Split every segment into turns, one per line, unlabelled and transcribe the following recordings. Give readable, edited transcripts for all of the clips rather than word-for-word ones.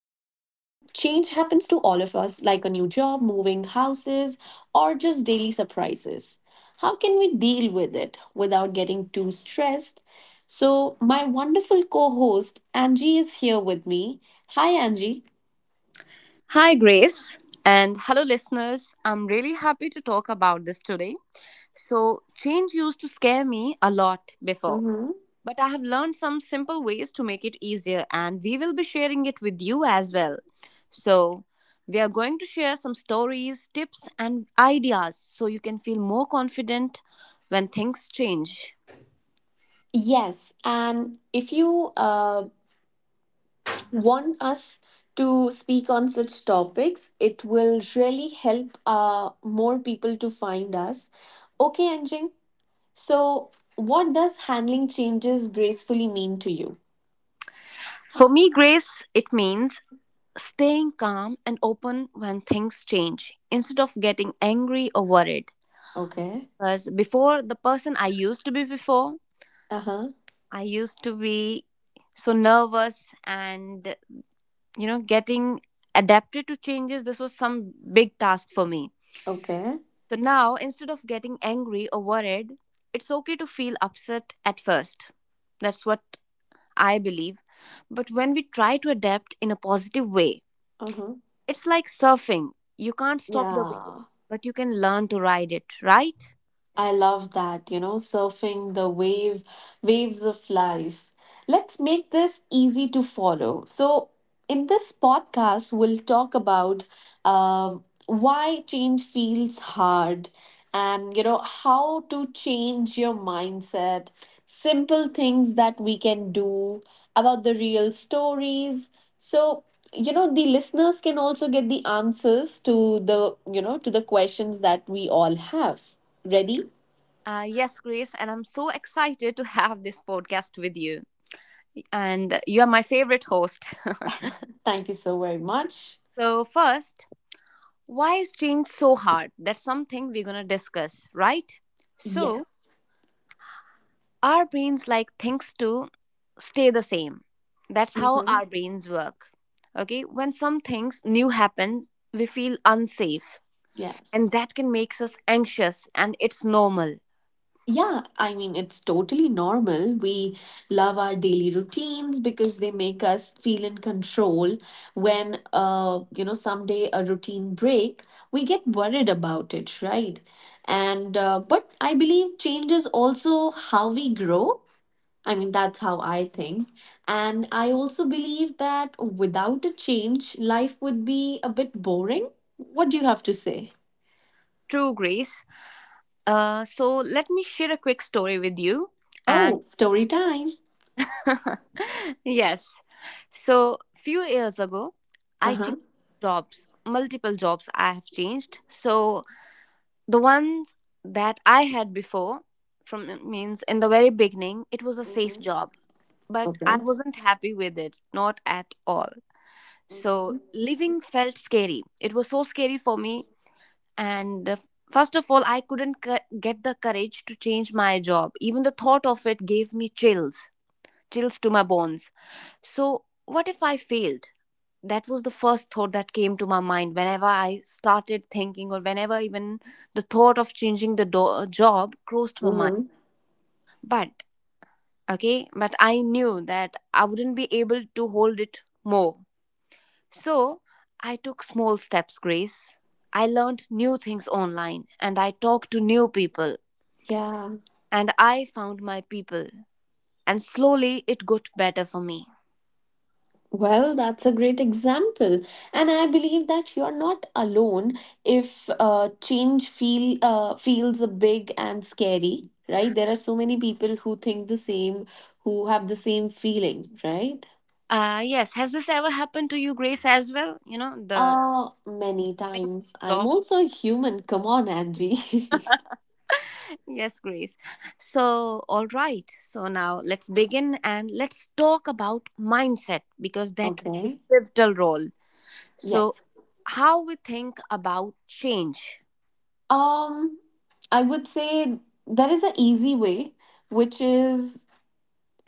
Change happens to all of us, like a new job, moving houses, or just daily surprises. How can we deal with it without getting too stressed? So, my wonderful co host Angie is here with me. Hi, Angie.
Hi, Grace, and hello, listeners. I'm really happy to talk about this today. Change used to scare me a lot before,
Mm-hmm.
but I have learned some simple ways to make it easier, and we will be sharing it with you as well. So, we are going to share some stories, tips, and ideas so you can feel more confident when things change.
Yes, and if you want us to speak on such topics, it will really help more people to find us. Okay, Anjing. So, what does handling changes gracefully mean to you?
For me, grace, it means staying calm and open when things change instead of getting angry or worried.
Okay.
Because before the person I used to be before,
Uh huh.
I used to be so nervous and, you know, getting adapted to changes. This was some big task for me.
Okay.
So now, instead of getting angry or worried, it's okay to feel upset at first. That's what I believe. But when we try to adapt in a positive way,
Uh huh.
it's like surfing. You can't stop the wave,
Yeah.
but you can learn to ride it, right?
I love that, you know, surfing the wave, waves of life. Let's make this easy to follow. So, in this podcast, we'll talk about uh, why change feels hard and, you know, how to change your mindset, simple things that we can do, about the real stories. So, you know, the listeners can also get the answers to the to the questions that we all have. Ready?
Yes, Grace, and I'm so excited to have this podcast with you. And you're my favorite host.
Thank you so very much.
First, why is change so hard? That's something we're going to discuss, right? So,
Yes.
our brains like things to stay the same. That's how
Hmm.
our brains work. Okay, when some things new happens, we feel unsafe, and
Yes.
that can makes us anxious, and it's normal.
Yeah, I mean, it's totally normal. We love our daily routines because they make us feel in control. When, you know, someday a routine break, we get worried about it, right? And, but I believe change is also how we grow. I mean, that's how I think. And I also believe that without a change, life would be a bit boring. What do you have to say?
True, Grace. So let me share a quick story with you and
Oh, story time.
yes. So, few years ago, I
Uh-huh.
changed jobs, multiple jobs I have changed. So, the ones that I had before, from means in the very beginning, it was a safe job, but I
Okay.
wasn't happy with it, not at all. So,
Mhm.
living felt scary. It was so scary for me. And First of all, I couldn't c- get the courage to change my job. Even the thought of it gave me chills chills to my bones. So, what if I failed? That was the first thought that came to my mind whenever I started thinking, or whenever even the thought of job crossed my mind.
Mhm.
But, okay, but I knew that I wouldn't be able to hold it more. So, I took small steps, Grace. I learned new things online and I talked to new people
Yeah.
and I found my people. And slowly it got better for me.
Well, that's a great example. And I believe that you're not alone if change feels big and scary, right? There are so many people who think the same, who have the same feeling, right?
Yes. Has this ever happened to you, Grace, as well? You know, the
Many
link
times. I'm
job.
also a human. Come on, Angie.
yes, Grace. So, all right. Now let's begin and let's talk about mindset because that is
Okay.
pivotal role. So,
Yes.
how we think about change.
Um, I would say there is an easy way, which is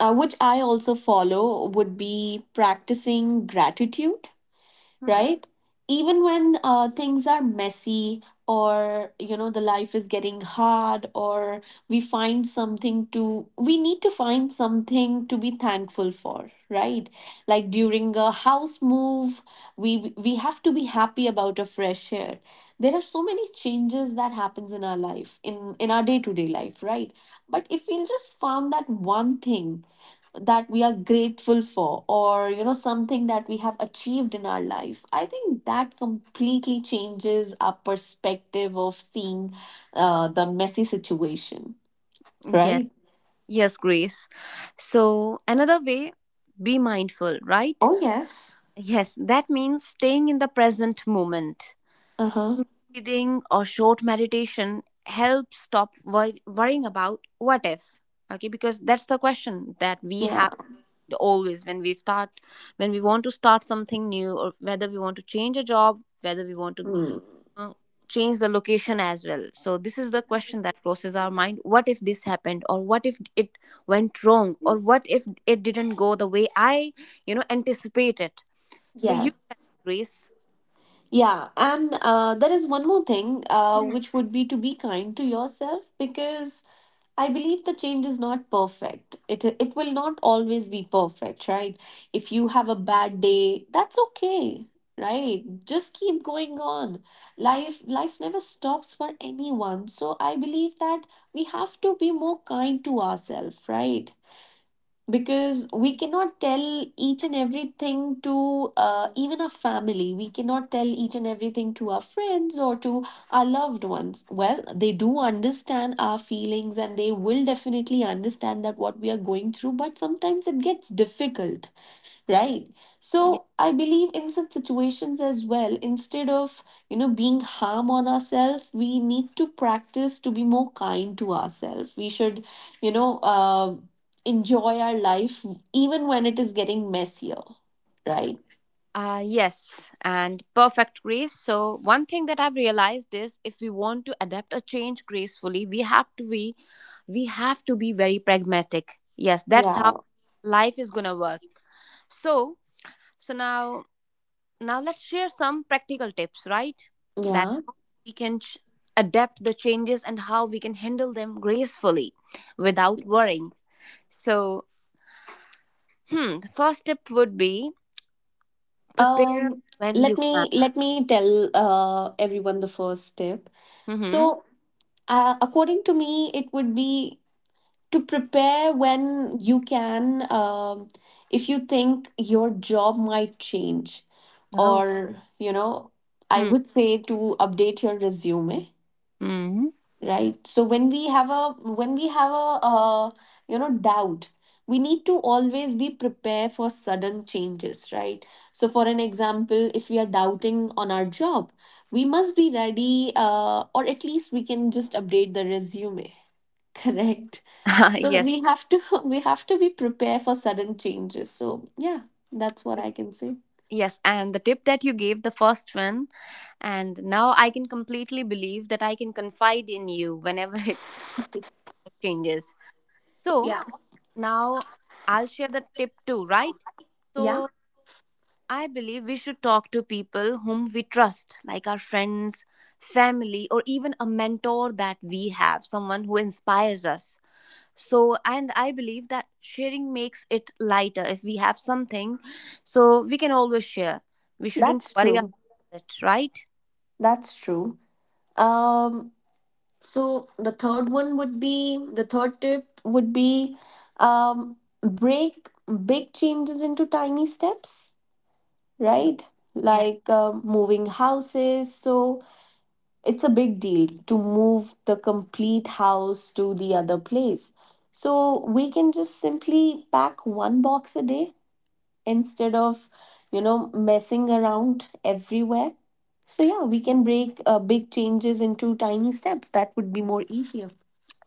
which I also follow, would be practicing gratitude,
Hmm.
right? Even when things are messy, or you know, the life is getting hard, or we find something to we need to find something to be thankful for, right? Like during a house move, we have to be happy about a fresh air. There are so many changes that happens in our life, in our day to day life, right? But if we just found that one thing that we are grateful for, or you know, something that we have achieved in our life, I think that completely changes our perspective of seeing the messy situation,
Yes.
right?
Yes, Grace. So, another way, be mindful, right?
Oh yes.
Yes, that means staying in the present moment.
Uh-huh.
Simple breathing or short meditation helps stop worrying about what if. Okay, because that's the question that we
Yeah.
have always when we start, when we want to start something new, or whether we want to change a job, whether we want to
Mm.
uh, change the location as well. So, this is the question that crosses our mind what if this happened, or what if it went wrong, or what if it didn't go the way I, you know, anticipated? So, you,
Yes.
Grace.
Yeah, and there is one more thing which would be to be kind to yourself. Because I believe the change is not perfect. It will not always be perfect, right? If you have a bad day, that's okay, right? Just keep going on. Life never stops for anyone. So I believe that we have to be more kind to ourselves, right? Because we cannot tell each and everything to even our family. We cannot tell each and everything to our friends or to our loved ones. Well, they do understand our feelings, and they will definitely understand that what we are going through, but sometimes it gets difficult. Right.
Mhm.
So I believe in such situations as well, instead of, you know, being harm on ourselves, we need to practice to be more kind to ourselves. We should, you know, enjoy our life even when it is getting messier. Right.
Yes, and perfect grace. So, one thing that I've realized is if we want to adapt or change gracefully, we have to be very pragmatic. Yes, that's how
Yeah.
life is going to work. So, so now let's share some practical tips, right? That
Yeah.
how we can ch- adapt the changes and how we can handle them gracefully without worrying. So, hmm, the first tip would be prepare
Um,
when you
let
can.
me let me tell everyone the first tip.
Mhm.
So, according to me, it would be to prepare when you can. If you think your job might change, or you know, I
Oh.
would say to update your resume,
Hmm.
right? So when we have a, when we have a uh, you know, doubt, we need to always be prepared for sudden changes, right? So for an example, if we are doubting on our job, we must be ready, or at least we can just update the resume. Correct. So
yes.
we have to we have to be prepared for sudden changes, so yeah, that's what I can say.
Yes, and the tip that you gave, the first one, and now I can completely believe that I can confide in you whenever it changes. So
Yeah.
now I'll share the tip too, right?
Yeah.
So I believe we should talk to people whom we trust, like our friends, family, or even a mentor that we have, someone who inspires us. So and I believe that sharing makes it lighter if we have something, so we can always share. We shouldn't
That's
worry
true.
about it, right?
That's true. Um, so the third one would be the third tip. would be um break big changes into tiny steps, right?
Yes.
Like moving houses. So it's a big deal to move the complete house to the other place. So we can just simply pack one box a day instead of, you know, messing around everywhere. So yeah, we can break big changes into tiny steps. That would be more easier.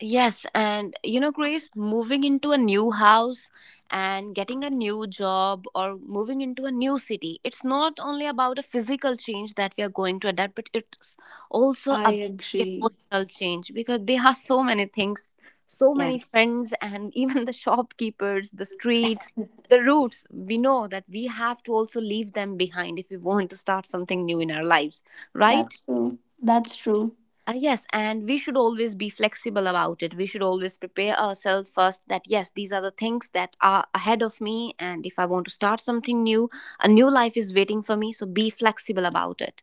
Yes, and you know, Grace, moving into a new house and getting a new job or moving into a new city, it's not only about a physical change that we are going to adapt, but it's also
I
about
agree.
emotional change because there are so many things, so many
Yes.
friends, and even the shopkeepers, the streets, the routes. We know that we have to also leave them behind if we want to start something new in our lives, right?
That's true. That's true.
Yes, and we should always be flexible about it. We should always prepare ourselves first that, yes, these are the things that are ahead of me. And if I want to start something new, a new life is waiting for me. So be flexible about it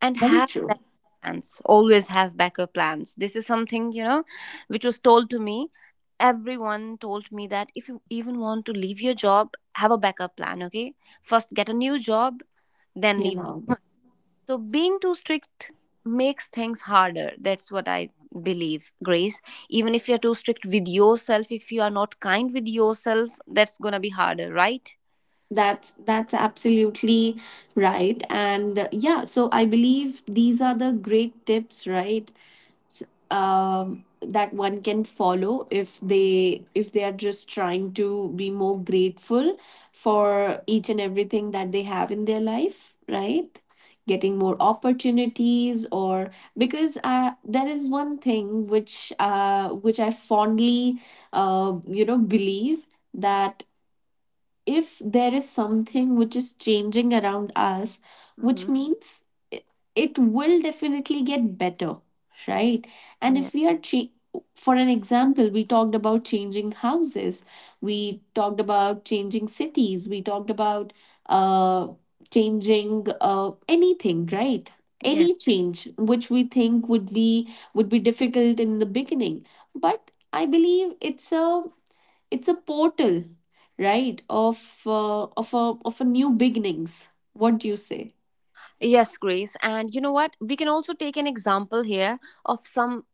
and
Very
have
true.
backup plans. Always have backup plans. This is something, you know, which was told to me. Everyone told me that if you even want to leave your job, have a backup plan, okay? First, get a new job, then
You
leave.
know.
So being too strict makes things harder. That's what I believe, Grace. Even if you're too strict with yourself, if you are not kind with yourself, that's going to be harder, right?
That's absolutely right. And yeah, so I believe these are the great tips, right? S- that one can follow if they are just trying to be more grateful for each and everything that they have in their life, right? Getting more opportunities, or because there is one thing which I fondly, you know, believe, that if there is something which is changing around us, which
Mm-hmm.
means it, it will definitely get better, right? And
Yeah.
if we are, for an example, we talked about changing houses, we talked about changing cities, we talked about uh, changing anything, right?
Yes.
Any change which we think would be, would be difficult in the beginning, but I believe it's a, it's a portal, right, of a, of a new beginnings. What do you say?
Yes, Grace. And you know what? We can also take an example here of some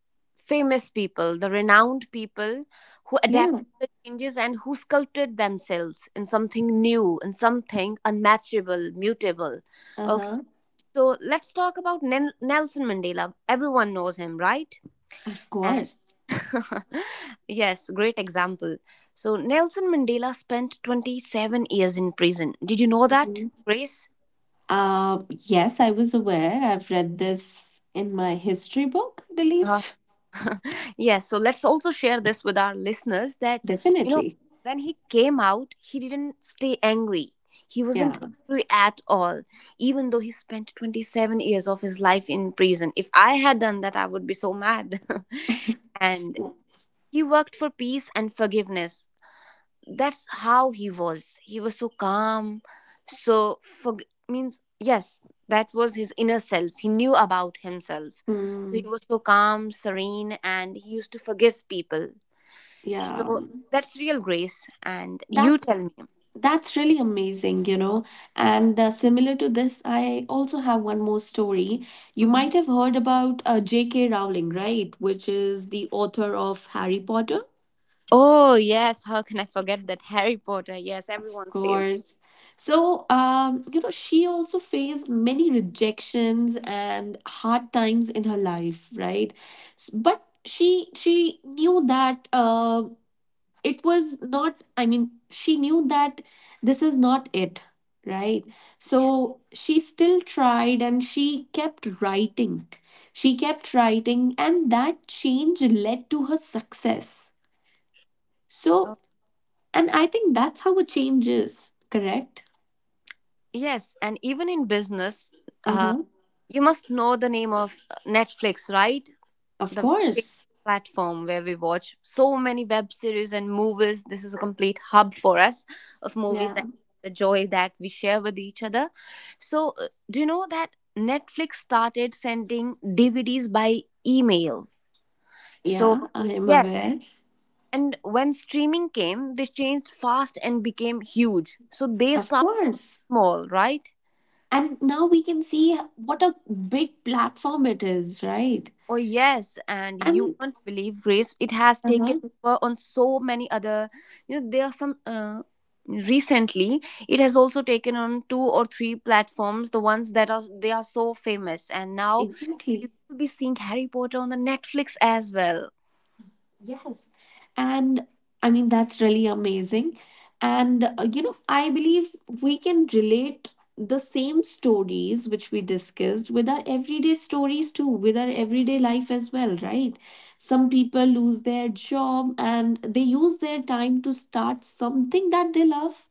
famous people, the renowned people who
Yeah.
adapted the changes and who sculpted themselves in something new, in something unmatchable, mutable.
Uh-huh.
So let's talk about Nelson Mandela. Everyone knows him, right?
Of
And
course.
yes, great example. So Nelson Mandela spent 27 years in prison. Did you know that,
Hmm.
Grace?
Uh yes, I was aware. I've read this in my history book, I
Uh-huh.
believe.
Yes, so let's also share this with our listeners that, you know,
Definitely.
when he came out, he didn't stay angry. He
Yeah.
wasn't angry at all, even though he spent 27 years of his life in prison. If I had done that, I would be so mad. And he worked for peace and forgiveness. That's how he was. He was so calm. So for means yes That was his inner self. He knew about himself. So he
Mm.
was so calm, serene, and he used to forgive people.
Yeah.
So that's real grace, and you
that's
tell me.
That's really amazing, you know. And similar to this, I also have one more story. You
Mhm.
might have heard about J.K. Rowling, right? Which is the author of Harry Potter,
Oh yes, how can I forget that Harry Potter? Yes,
of
everyone's favorite.
course. So, you know, she also faced many rejections and hard times in her life, right? But she knew that it was not I mean she knew that this is not it, right? So
Yeah.
she still tried, and she kept writing. She kept writing, and that change led to her success. So,
Oh,
and I think that's how a change is. Correct.
yes, and even in business uh,
Uh-huh.
you must know the name of Netflix, right?
Of
The very
course.
famous platform where we watch so many web series and movies. This is a complete hub for us of movies
Yeah.
and the joy that we share with each other. So, do you know that Netflix started sending DVDs by email? So,
Yeah, I am
yes.
aware.
And when streaming came, they changed fast and became huge. So, they
Of
start
course.
small, right?
And now we can see what a big platform it is, right?
Oh yes, and you
And,
won't believe Grace. It has taken
uh-huh,
over on so many other. You know, there are some. Recently, it has also taken on two or three platforms. The ones that are they are so famous, and now we
exactly.
will be seeing Harry Potter on the Netflix as well.
Yes. And I mean, that's really amazing. And, you know, I believe we can relate the same stories which we discussed with our everyday stories too, with our everyday life as well, right? Some people lose their job and they use their time to start something that they love,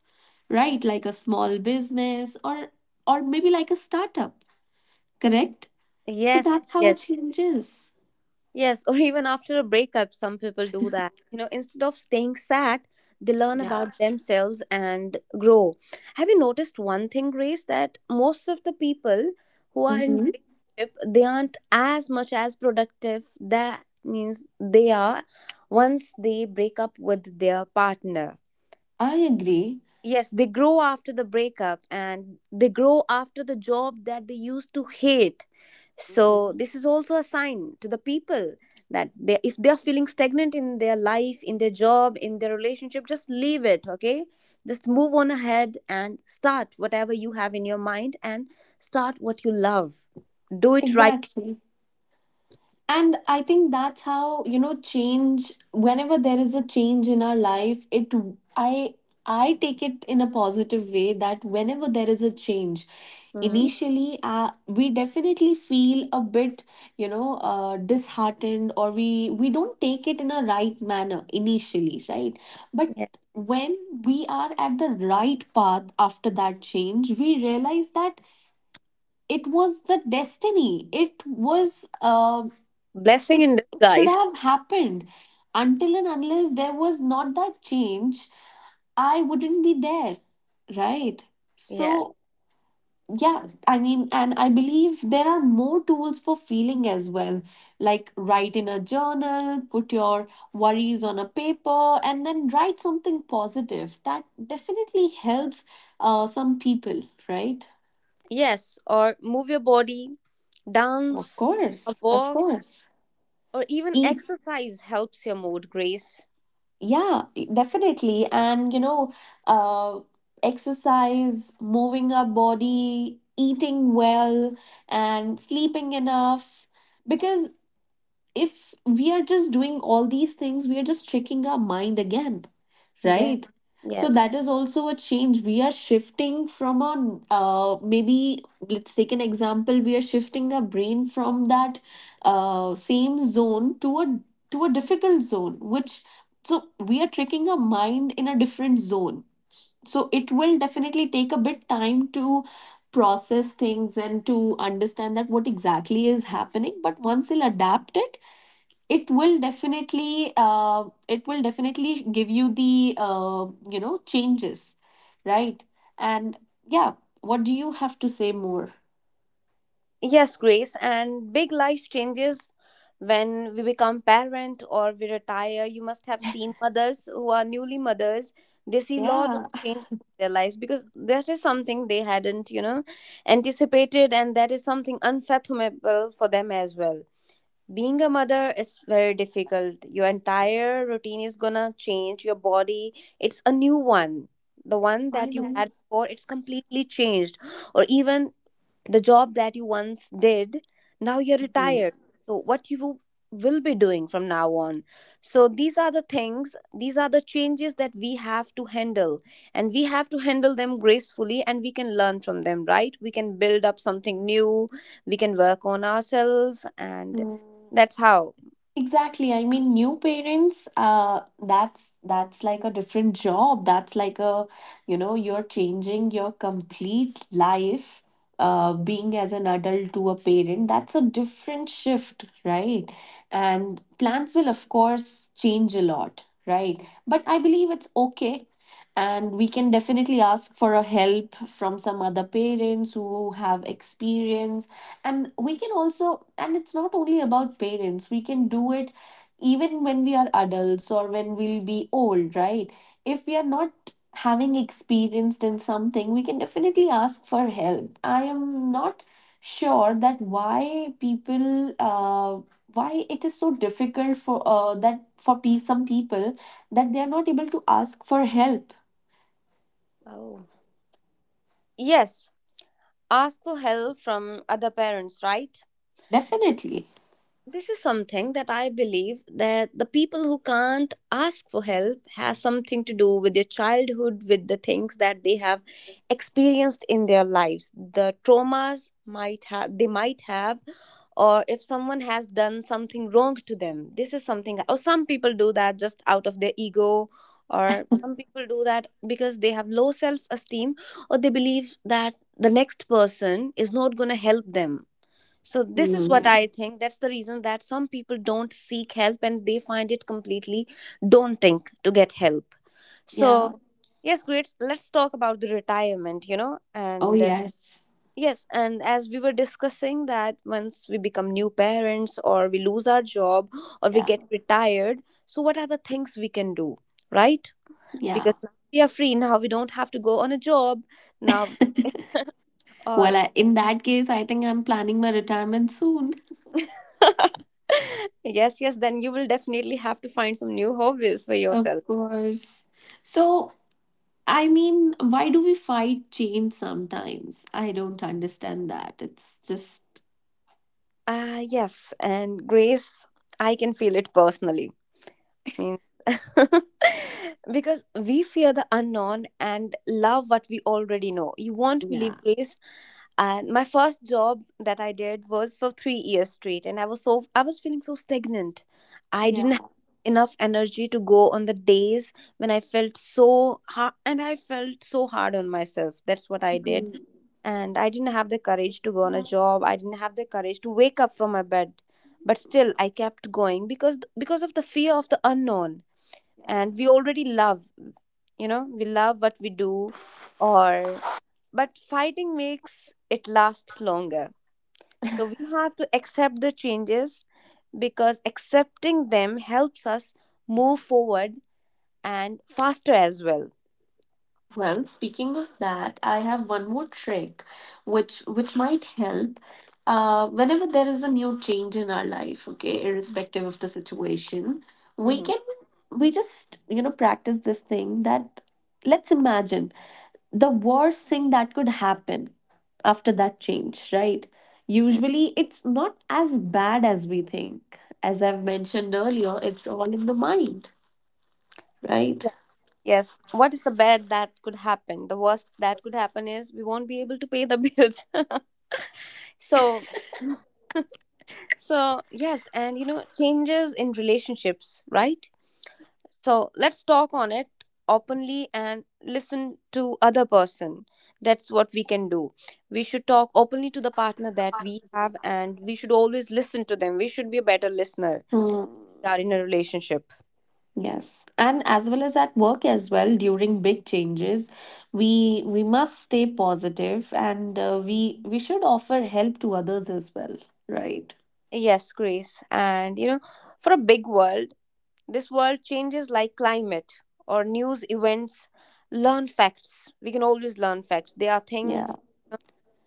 right? Like a small business, or maybe like a startup, correct? So
Yes,
that's how it
yes.
changes.
Yes, or even after a breakup, some people do that. You know, instead of staying sad, they learn
Yeah.
about themselves and grow. Have you noticed one thing, Grace, that most of the people who are in
Hmm.
relationship, they aren't as much as productive. That means they are once they break up with their partner.
I agree.
Yes, they grow after the breakup and they grow after the job that they used to hate. So this is also a sign to the people that they if they are feeling stagnant in their life, in their job, in their relationship, just leave it, okay? Just move on ahead and start whatever you have in your mind and start what you love. Do it right.
Exactly. And I think that's how, you know, change, whenever there is a change in our life, it, I I take it in a positive way. That whenever there is a change,
Mhm.
initially we definitely feel a bit, you know, disheartened, or we don't take it in a right manner initially, right? But
Yes.
when we are at the right path after that change, we realize that it was the destiny, it was, um,
Blessing
it
in
it should
disguise.
have happened. Until and unless there was not that change, I wouldn't be there, right? So
Yes.
yeah, I mean, and I believe there are more tools for feeling as well. Like write in a journal, put your worries on a paper, and then write something positive. That definitely helps some people, right?
Yes, or move your body,
Of
dance, a
course. Of
walk
course.
or even
Eat.
exercise helps your mood, Grace.
Yeah, definitely. And, you know, uh, exercise, moving our body, eating well, and sleeping enough. Because if we are just doing all these things, we are just tricking our mind again,
Yes,
right? So
yes,
that is also a change. We are shifting from a, maybe let's take an example. We are shifting our brain from that same zone to a, to a difficult zone, which, so we are tricking our mind in a different zone. So it will definitely take a bit time to process things and to understand that what exactly is happening. But once you'll adapt it, it will definitely give you the you know, changes, right? And yeah, what do you have to say more?
Yes, Grace, and big life changes when we become parent or we retire. You must have seen mothers who are newly mothers. They see lot of
Yeah.
change in their lives because that is something they hadn't, you know, anticipated, and that is something unfathomable for them as well. Being a mother is very difficult. Your entire routine is gonna change. Your body, it's a new one. The one
I
that you
know.
had before, it's completely changed. Or even the job that you once did, now you're
Mhm.
retired. So what you will be doing from now on, so these are the things, these are the changes that we have to handle, and we have to handle them gracefully, and we can learn from them, right? We can build up something new, we can work on ourselves, and
Mm.
that's how.
Exactly. I mean, new parents, that's like a different job. That's like a, you know, you're changing your complete life, being as an adult to a parent. That's a different shift, right? And plans will, of course, change a lot, right? But I believe it's okay. And we can definitely ask for a help from some other parents who have experience, and we can also, and it's not only about parents, we can do it even when we are adults or when we'll be old, right? If we are not having experienced in something, we can definitely ask for help. I am not sure that why people why it is so difficult for some people that they are not able to ask for help.
Oh, yes, ask for help from other parents, right?
Definitely.
This is something that I believe, that the people who can't ask for help has something to do with their childhood, with the things that they have experienced in their lives. The traumas might have, they might have, or if someone has done something wrong to them, this is something. Or some people do that just out of their ego, or some people do that because they have low self esteem, or they believe that the next person is not going to help them. So this is what
Hmm.
I think. That's the reason that some people don't seek help and they find it completely daunting to get help.
Yeah.
So yes, great. Let's talk about the retirement,
Oh
and
yes.
yes, and as we were discussing, that once we become new parents or we lose our job or we
Yeah.
get retired, so what are the things we can do, right?
Yeah.
Because now we are free, now we don't have to go on a job now. Or
Well, I, in that case, I think I'm planning my retirement soon.
yes, yes, then you will definitely have to find some new hobbies for
Of
yourself.
course. So, I mean, why do we fight change sometimes? I don't understand that. It's just,
Ah, yes, and Grace, I can feel it personally. Means because we fear the unknown and love what we already know. You won't believe,
yeah.
Grace, and my first job that I did was for 3 years straight, and I was feeling so stagnant. I
Yeah.
didn't have enough energy to go on the days when I felt so hard, and I felt so hard on myself. That's what I did.
Mhm.
And I didn't have the courage to go on a job. I didn't have the courage to wake up from my bed. But still I kept going because of the fear of the unknown.
Yeah.
And we already love, we love what we do, or but fighting makes it last longer. So we have to accept the changes, because accepting them helps us move forward, and faster as well.
Well, speaking of that, I have one more trick which might help whenever there is a new change in our life, okay, irrespective of the situation, we
Mhm.
can we just, practice this thing that let's imagine the worst thing that could happen after that change, right? Usually it's not as bad as we think. As I've mentioned earlier, it's all in the mind, right?
Yes. What is the bad that could happen? The worst that could happen is we won't be able to pay the bills. So, so yes, and changes in relationships, right? So let's talk on it openly and listen to other person. That's what we can do. We should talk openly to the partner that we have, and we should always listen to them. We should be a better listener.
Hmm.
We are in a relationship.
Yes, and as well as at work as well, during big changes, we must stay positive, and we should offer help to others as well, right?
Yes, Grace. And for a big world, this world changes, like climate or news events. Learn facts. We can always learn facts. There are things,
Yeah.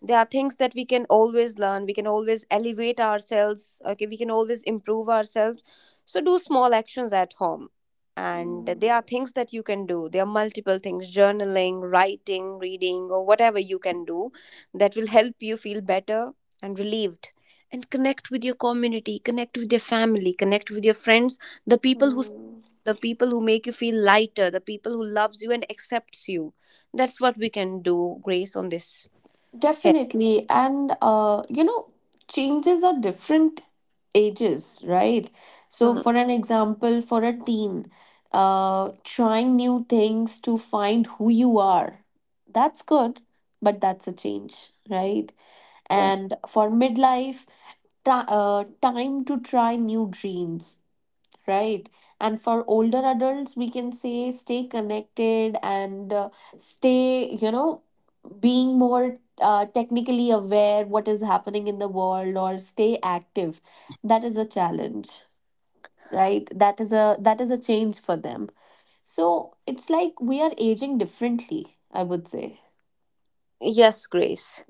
there are things that we can always learn. We can always elevate ourselves, okay? We can always improve ourselves. So do small actions at home, and
Mm,
there are things that you can do. There are multiple things: journaling, writing, reading, or whatever you can do that will help you feel better and relieved. And connect with your community, connect with your family, connect with your friends, the people who
mm.
the people who make you feel lighter, the people who loves you and accepts you. That's what we can do, Grace, on this here.
Definitely. And, you know, changes are different ages, right? So,
Hmm.
for an example, for a teen, trying new things to find who you are, that's good, but that's a change, right?
Yes.
And for midlife, time to try new dreams, right? And for older adults, we can say stay connected, and stay, you know, being more technically aware what is happening in the world, or stay active. That is a challenge, right? That is a change for them. So it's like we are aging differently, I would say.
Yes, Grace.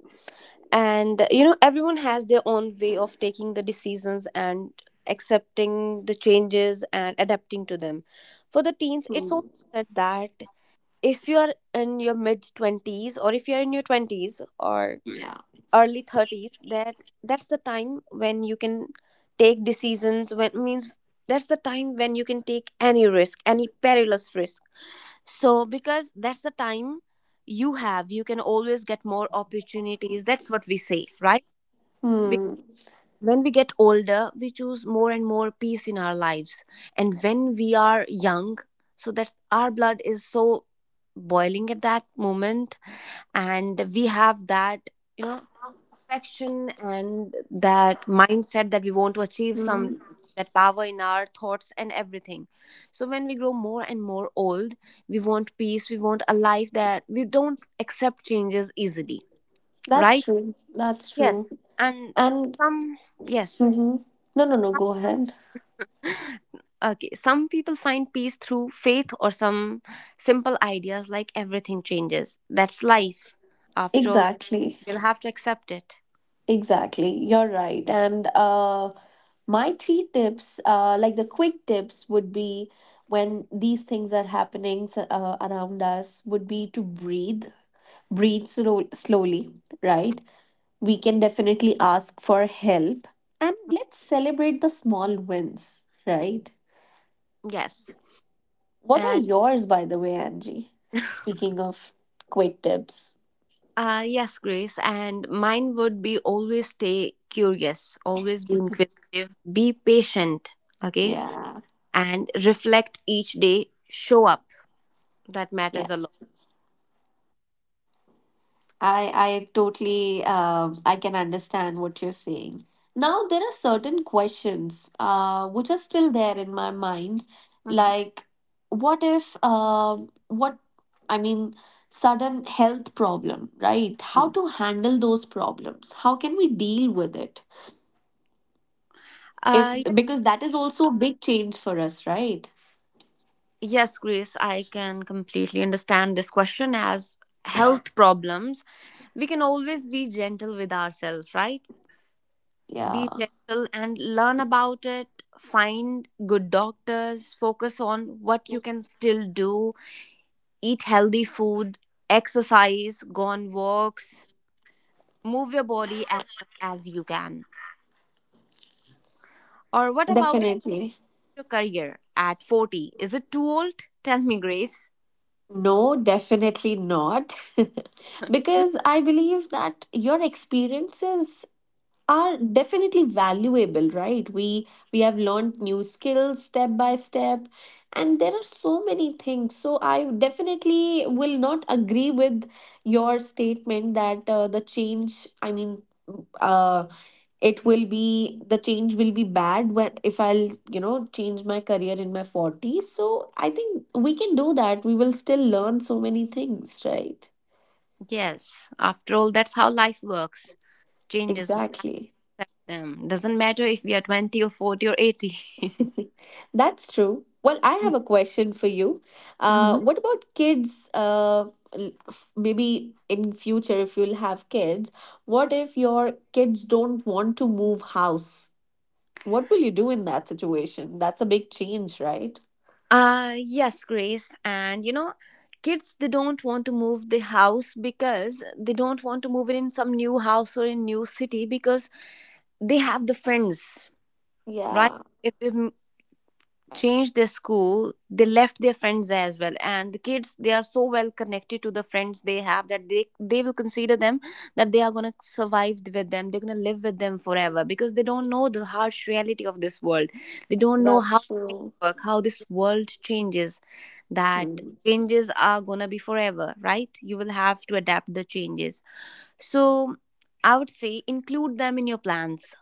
And everyone has their own way of taking the decisions and accepting the changes and adapting to them. For the teens, it's also
Hmm,
said that if you are in your mid 20s or if you are in your 20s or
yeah.
early 30s, that's the time when you can take decisions. When means that's the time when you can take any risk, any perilous risk. So, because that's the time you have, you can always get more opportunities. That's what we say, right? Be-
Hmm.
When we get older, we choose more and more peace in our lives. And when we are young, so that's, our blood is so boiling at that moment, and we have that, you know affection, and that mindset that we want to achieve some,
Hmm.
that power in our thoughts and everything. So when we grow more and more old, we want peace, we want a life. That we don't accept changes easily,
That's
right?
true, that's
Yes,
true.
and
And.
some, yes.
Mhm. No, no, no, go ahead.
Okay, some people find peace through faith, or some simple ideas like everything changes. That's life, after all.
Exactly.
We'll have to accept it.
Exactly, you're right. And my three tips, like the quick tips, would be, when these things are happening around us, would be to breathe, breathe slowly, right? We can definitely ask for help, and let's celebrate the small wins, right?
Yes.
What are
And
yours, by the way, Angie? Speaking of quick tips.
yes, Grace. And mine would be: always stay curious, always be inquisitive, be patient, okay?
Yeah,
And reflect each day, show up. That
yeah.
matters a lot.
I totally I can understand what you're saying. Now there are certain questions which are still there in my mind,
Mhm.
like, what if what I mean, sudden health problem, right? How
Mm.
to handle those problems? How can we deal with it?
Uh,
If,
ye-
because that is also a big change for us, right?
yes, Grace, I can completely understand this question, as health problems. We can always be gentle with ourselves, right?
Yeah,
Be gentle and learn about it. Find good doctors, focus on what you can still do, eat healthy food, exercise, go on walks, move your body as much as you can. Or what about
definitely.
your career at 40? Is it too old? Tell me, Grace.
No, definitely not. Because I believe that your experiences are definitely valuable, right? We have learned new skills step by step, and there are so many things. So I definitely will not agree with your statement that the change, I mean, um it will be, the change will be bad when, if I'll, you know, change my career in my 40s. So I think we can do that. We will still learn so many things, right?
Yes, after all, that's how life works. Changes, we
Exactly.
accept them. Doesn't matter if we are 20 or 40 or 80.
That's true. Well, I have a question for you.
Mhm.
What about kids, maybe in future, if you'll have kids, what if your kids don't want to move house? What will you do in that situation? That's a big change, right?
Yes, Grace. And kids, they don't want to move the house because they don't want to move it in some new house or in new city, because they have the friends, right?
Yeah,
If they m- Changed their school, they left their friends as well. And the kids, they are so well connected to the friends they have, that they will consider them that they are going to survive with them, they're going to live with them forever, because they don't know the harsh reality of this world. They don't know
that's
how things
true.
work, how this world changes, that
Mm.
changes are going to be forever, right? You will have to adapt the changes. So I would say include them in your plans,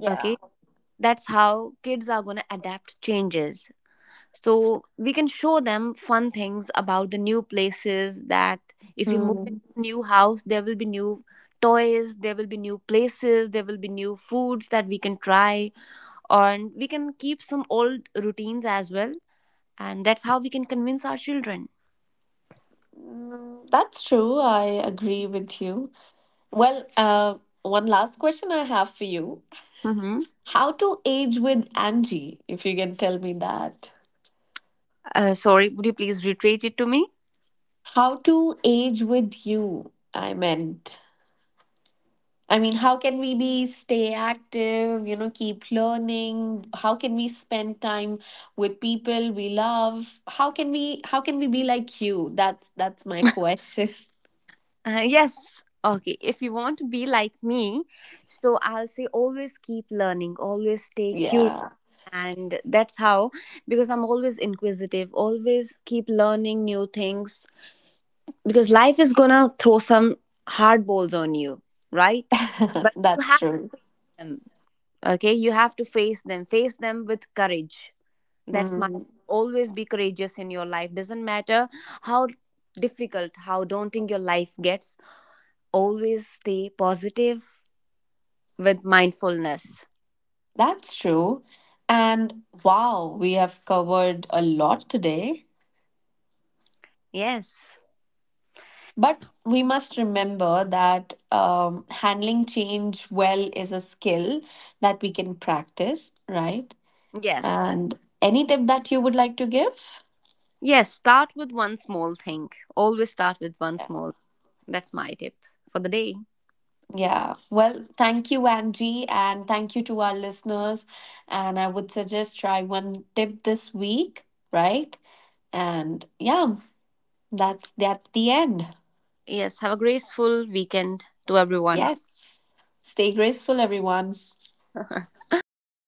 Yeah.
okay? That's how kids are going to adapt changes. So we can show them fun things about the new places, that if we move into
Mm.
a new house, there will be new toys, there will be new places, there will be new foods that we can try. And we can keep some old routines as well, and that's how we can convince our children.
Mm, that's true. I agree with you. Well, one last question I have for you.
Mm-hmm.
How to age with Angie, if you can tell me that.
Sorry, would you please reiterate it to me?
How to age with you, I meant. I mean, how can we be stay active, you know, keep learning? How can we spend time with people we love? How can we be like you? That's my question.
Yes, okay, if you want to be like me, so I'll say always keep learning, always stay curious.
Yeah.
And that's how, because I'm always inquisitive, always keep learning new things, because life is gonna throw some hard balls on you, right? But you
That's
have
true.
them, okay, you have to face them, face them with courage. That's my,
Hmm,
always be courageous in your life. Doesn't matter how difficult, how daunting your life gets, always stay positive, with mindfulness.
that's true. And wow, we have covered a lot today.
Yes,
But we must remember that handling change well is a skill that we can practice, right?
yes.
And any tip that you would like to give?
Yes, start with one small thing. Always start with one
Yeah.
small. That's my tip for the day.
Yeah. Well, thank you, Angie, and thank you to our listeners. And I would suggest try one tip this week, right? And yeah, that's the end.
Yes, have a graceful weekend to everyone.
Yes. Stay graceful, everyone.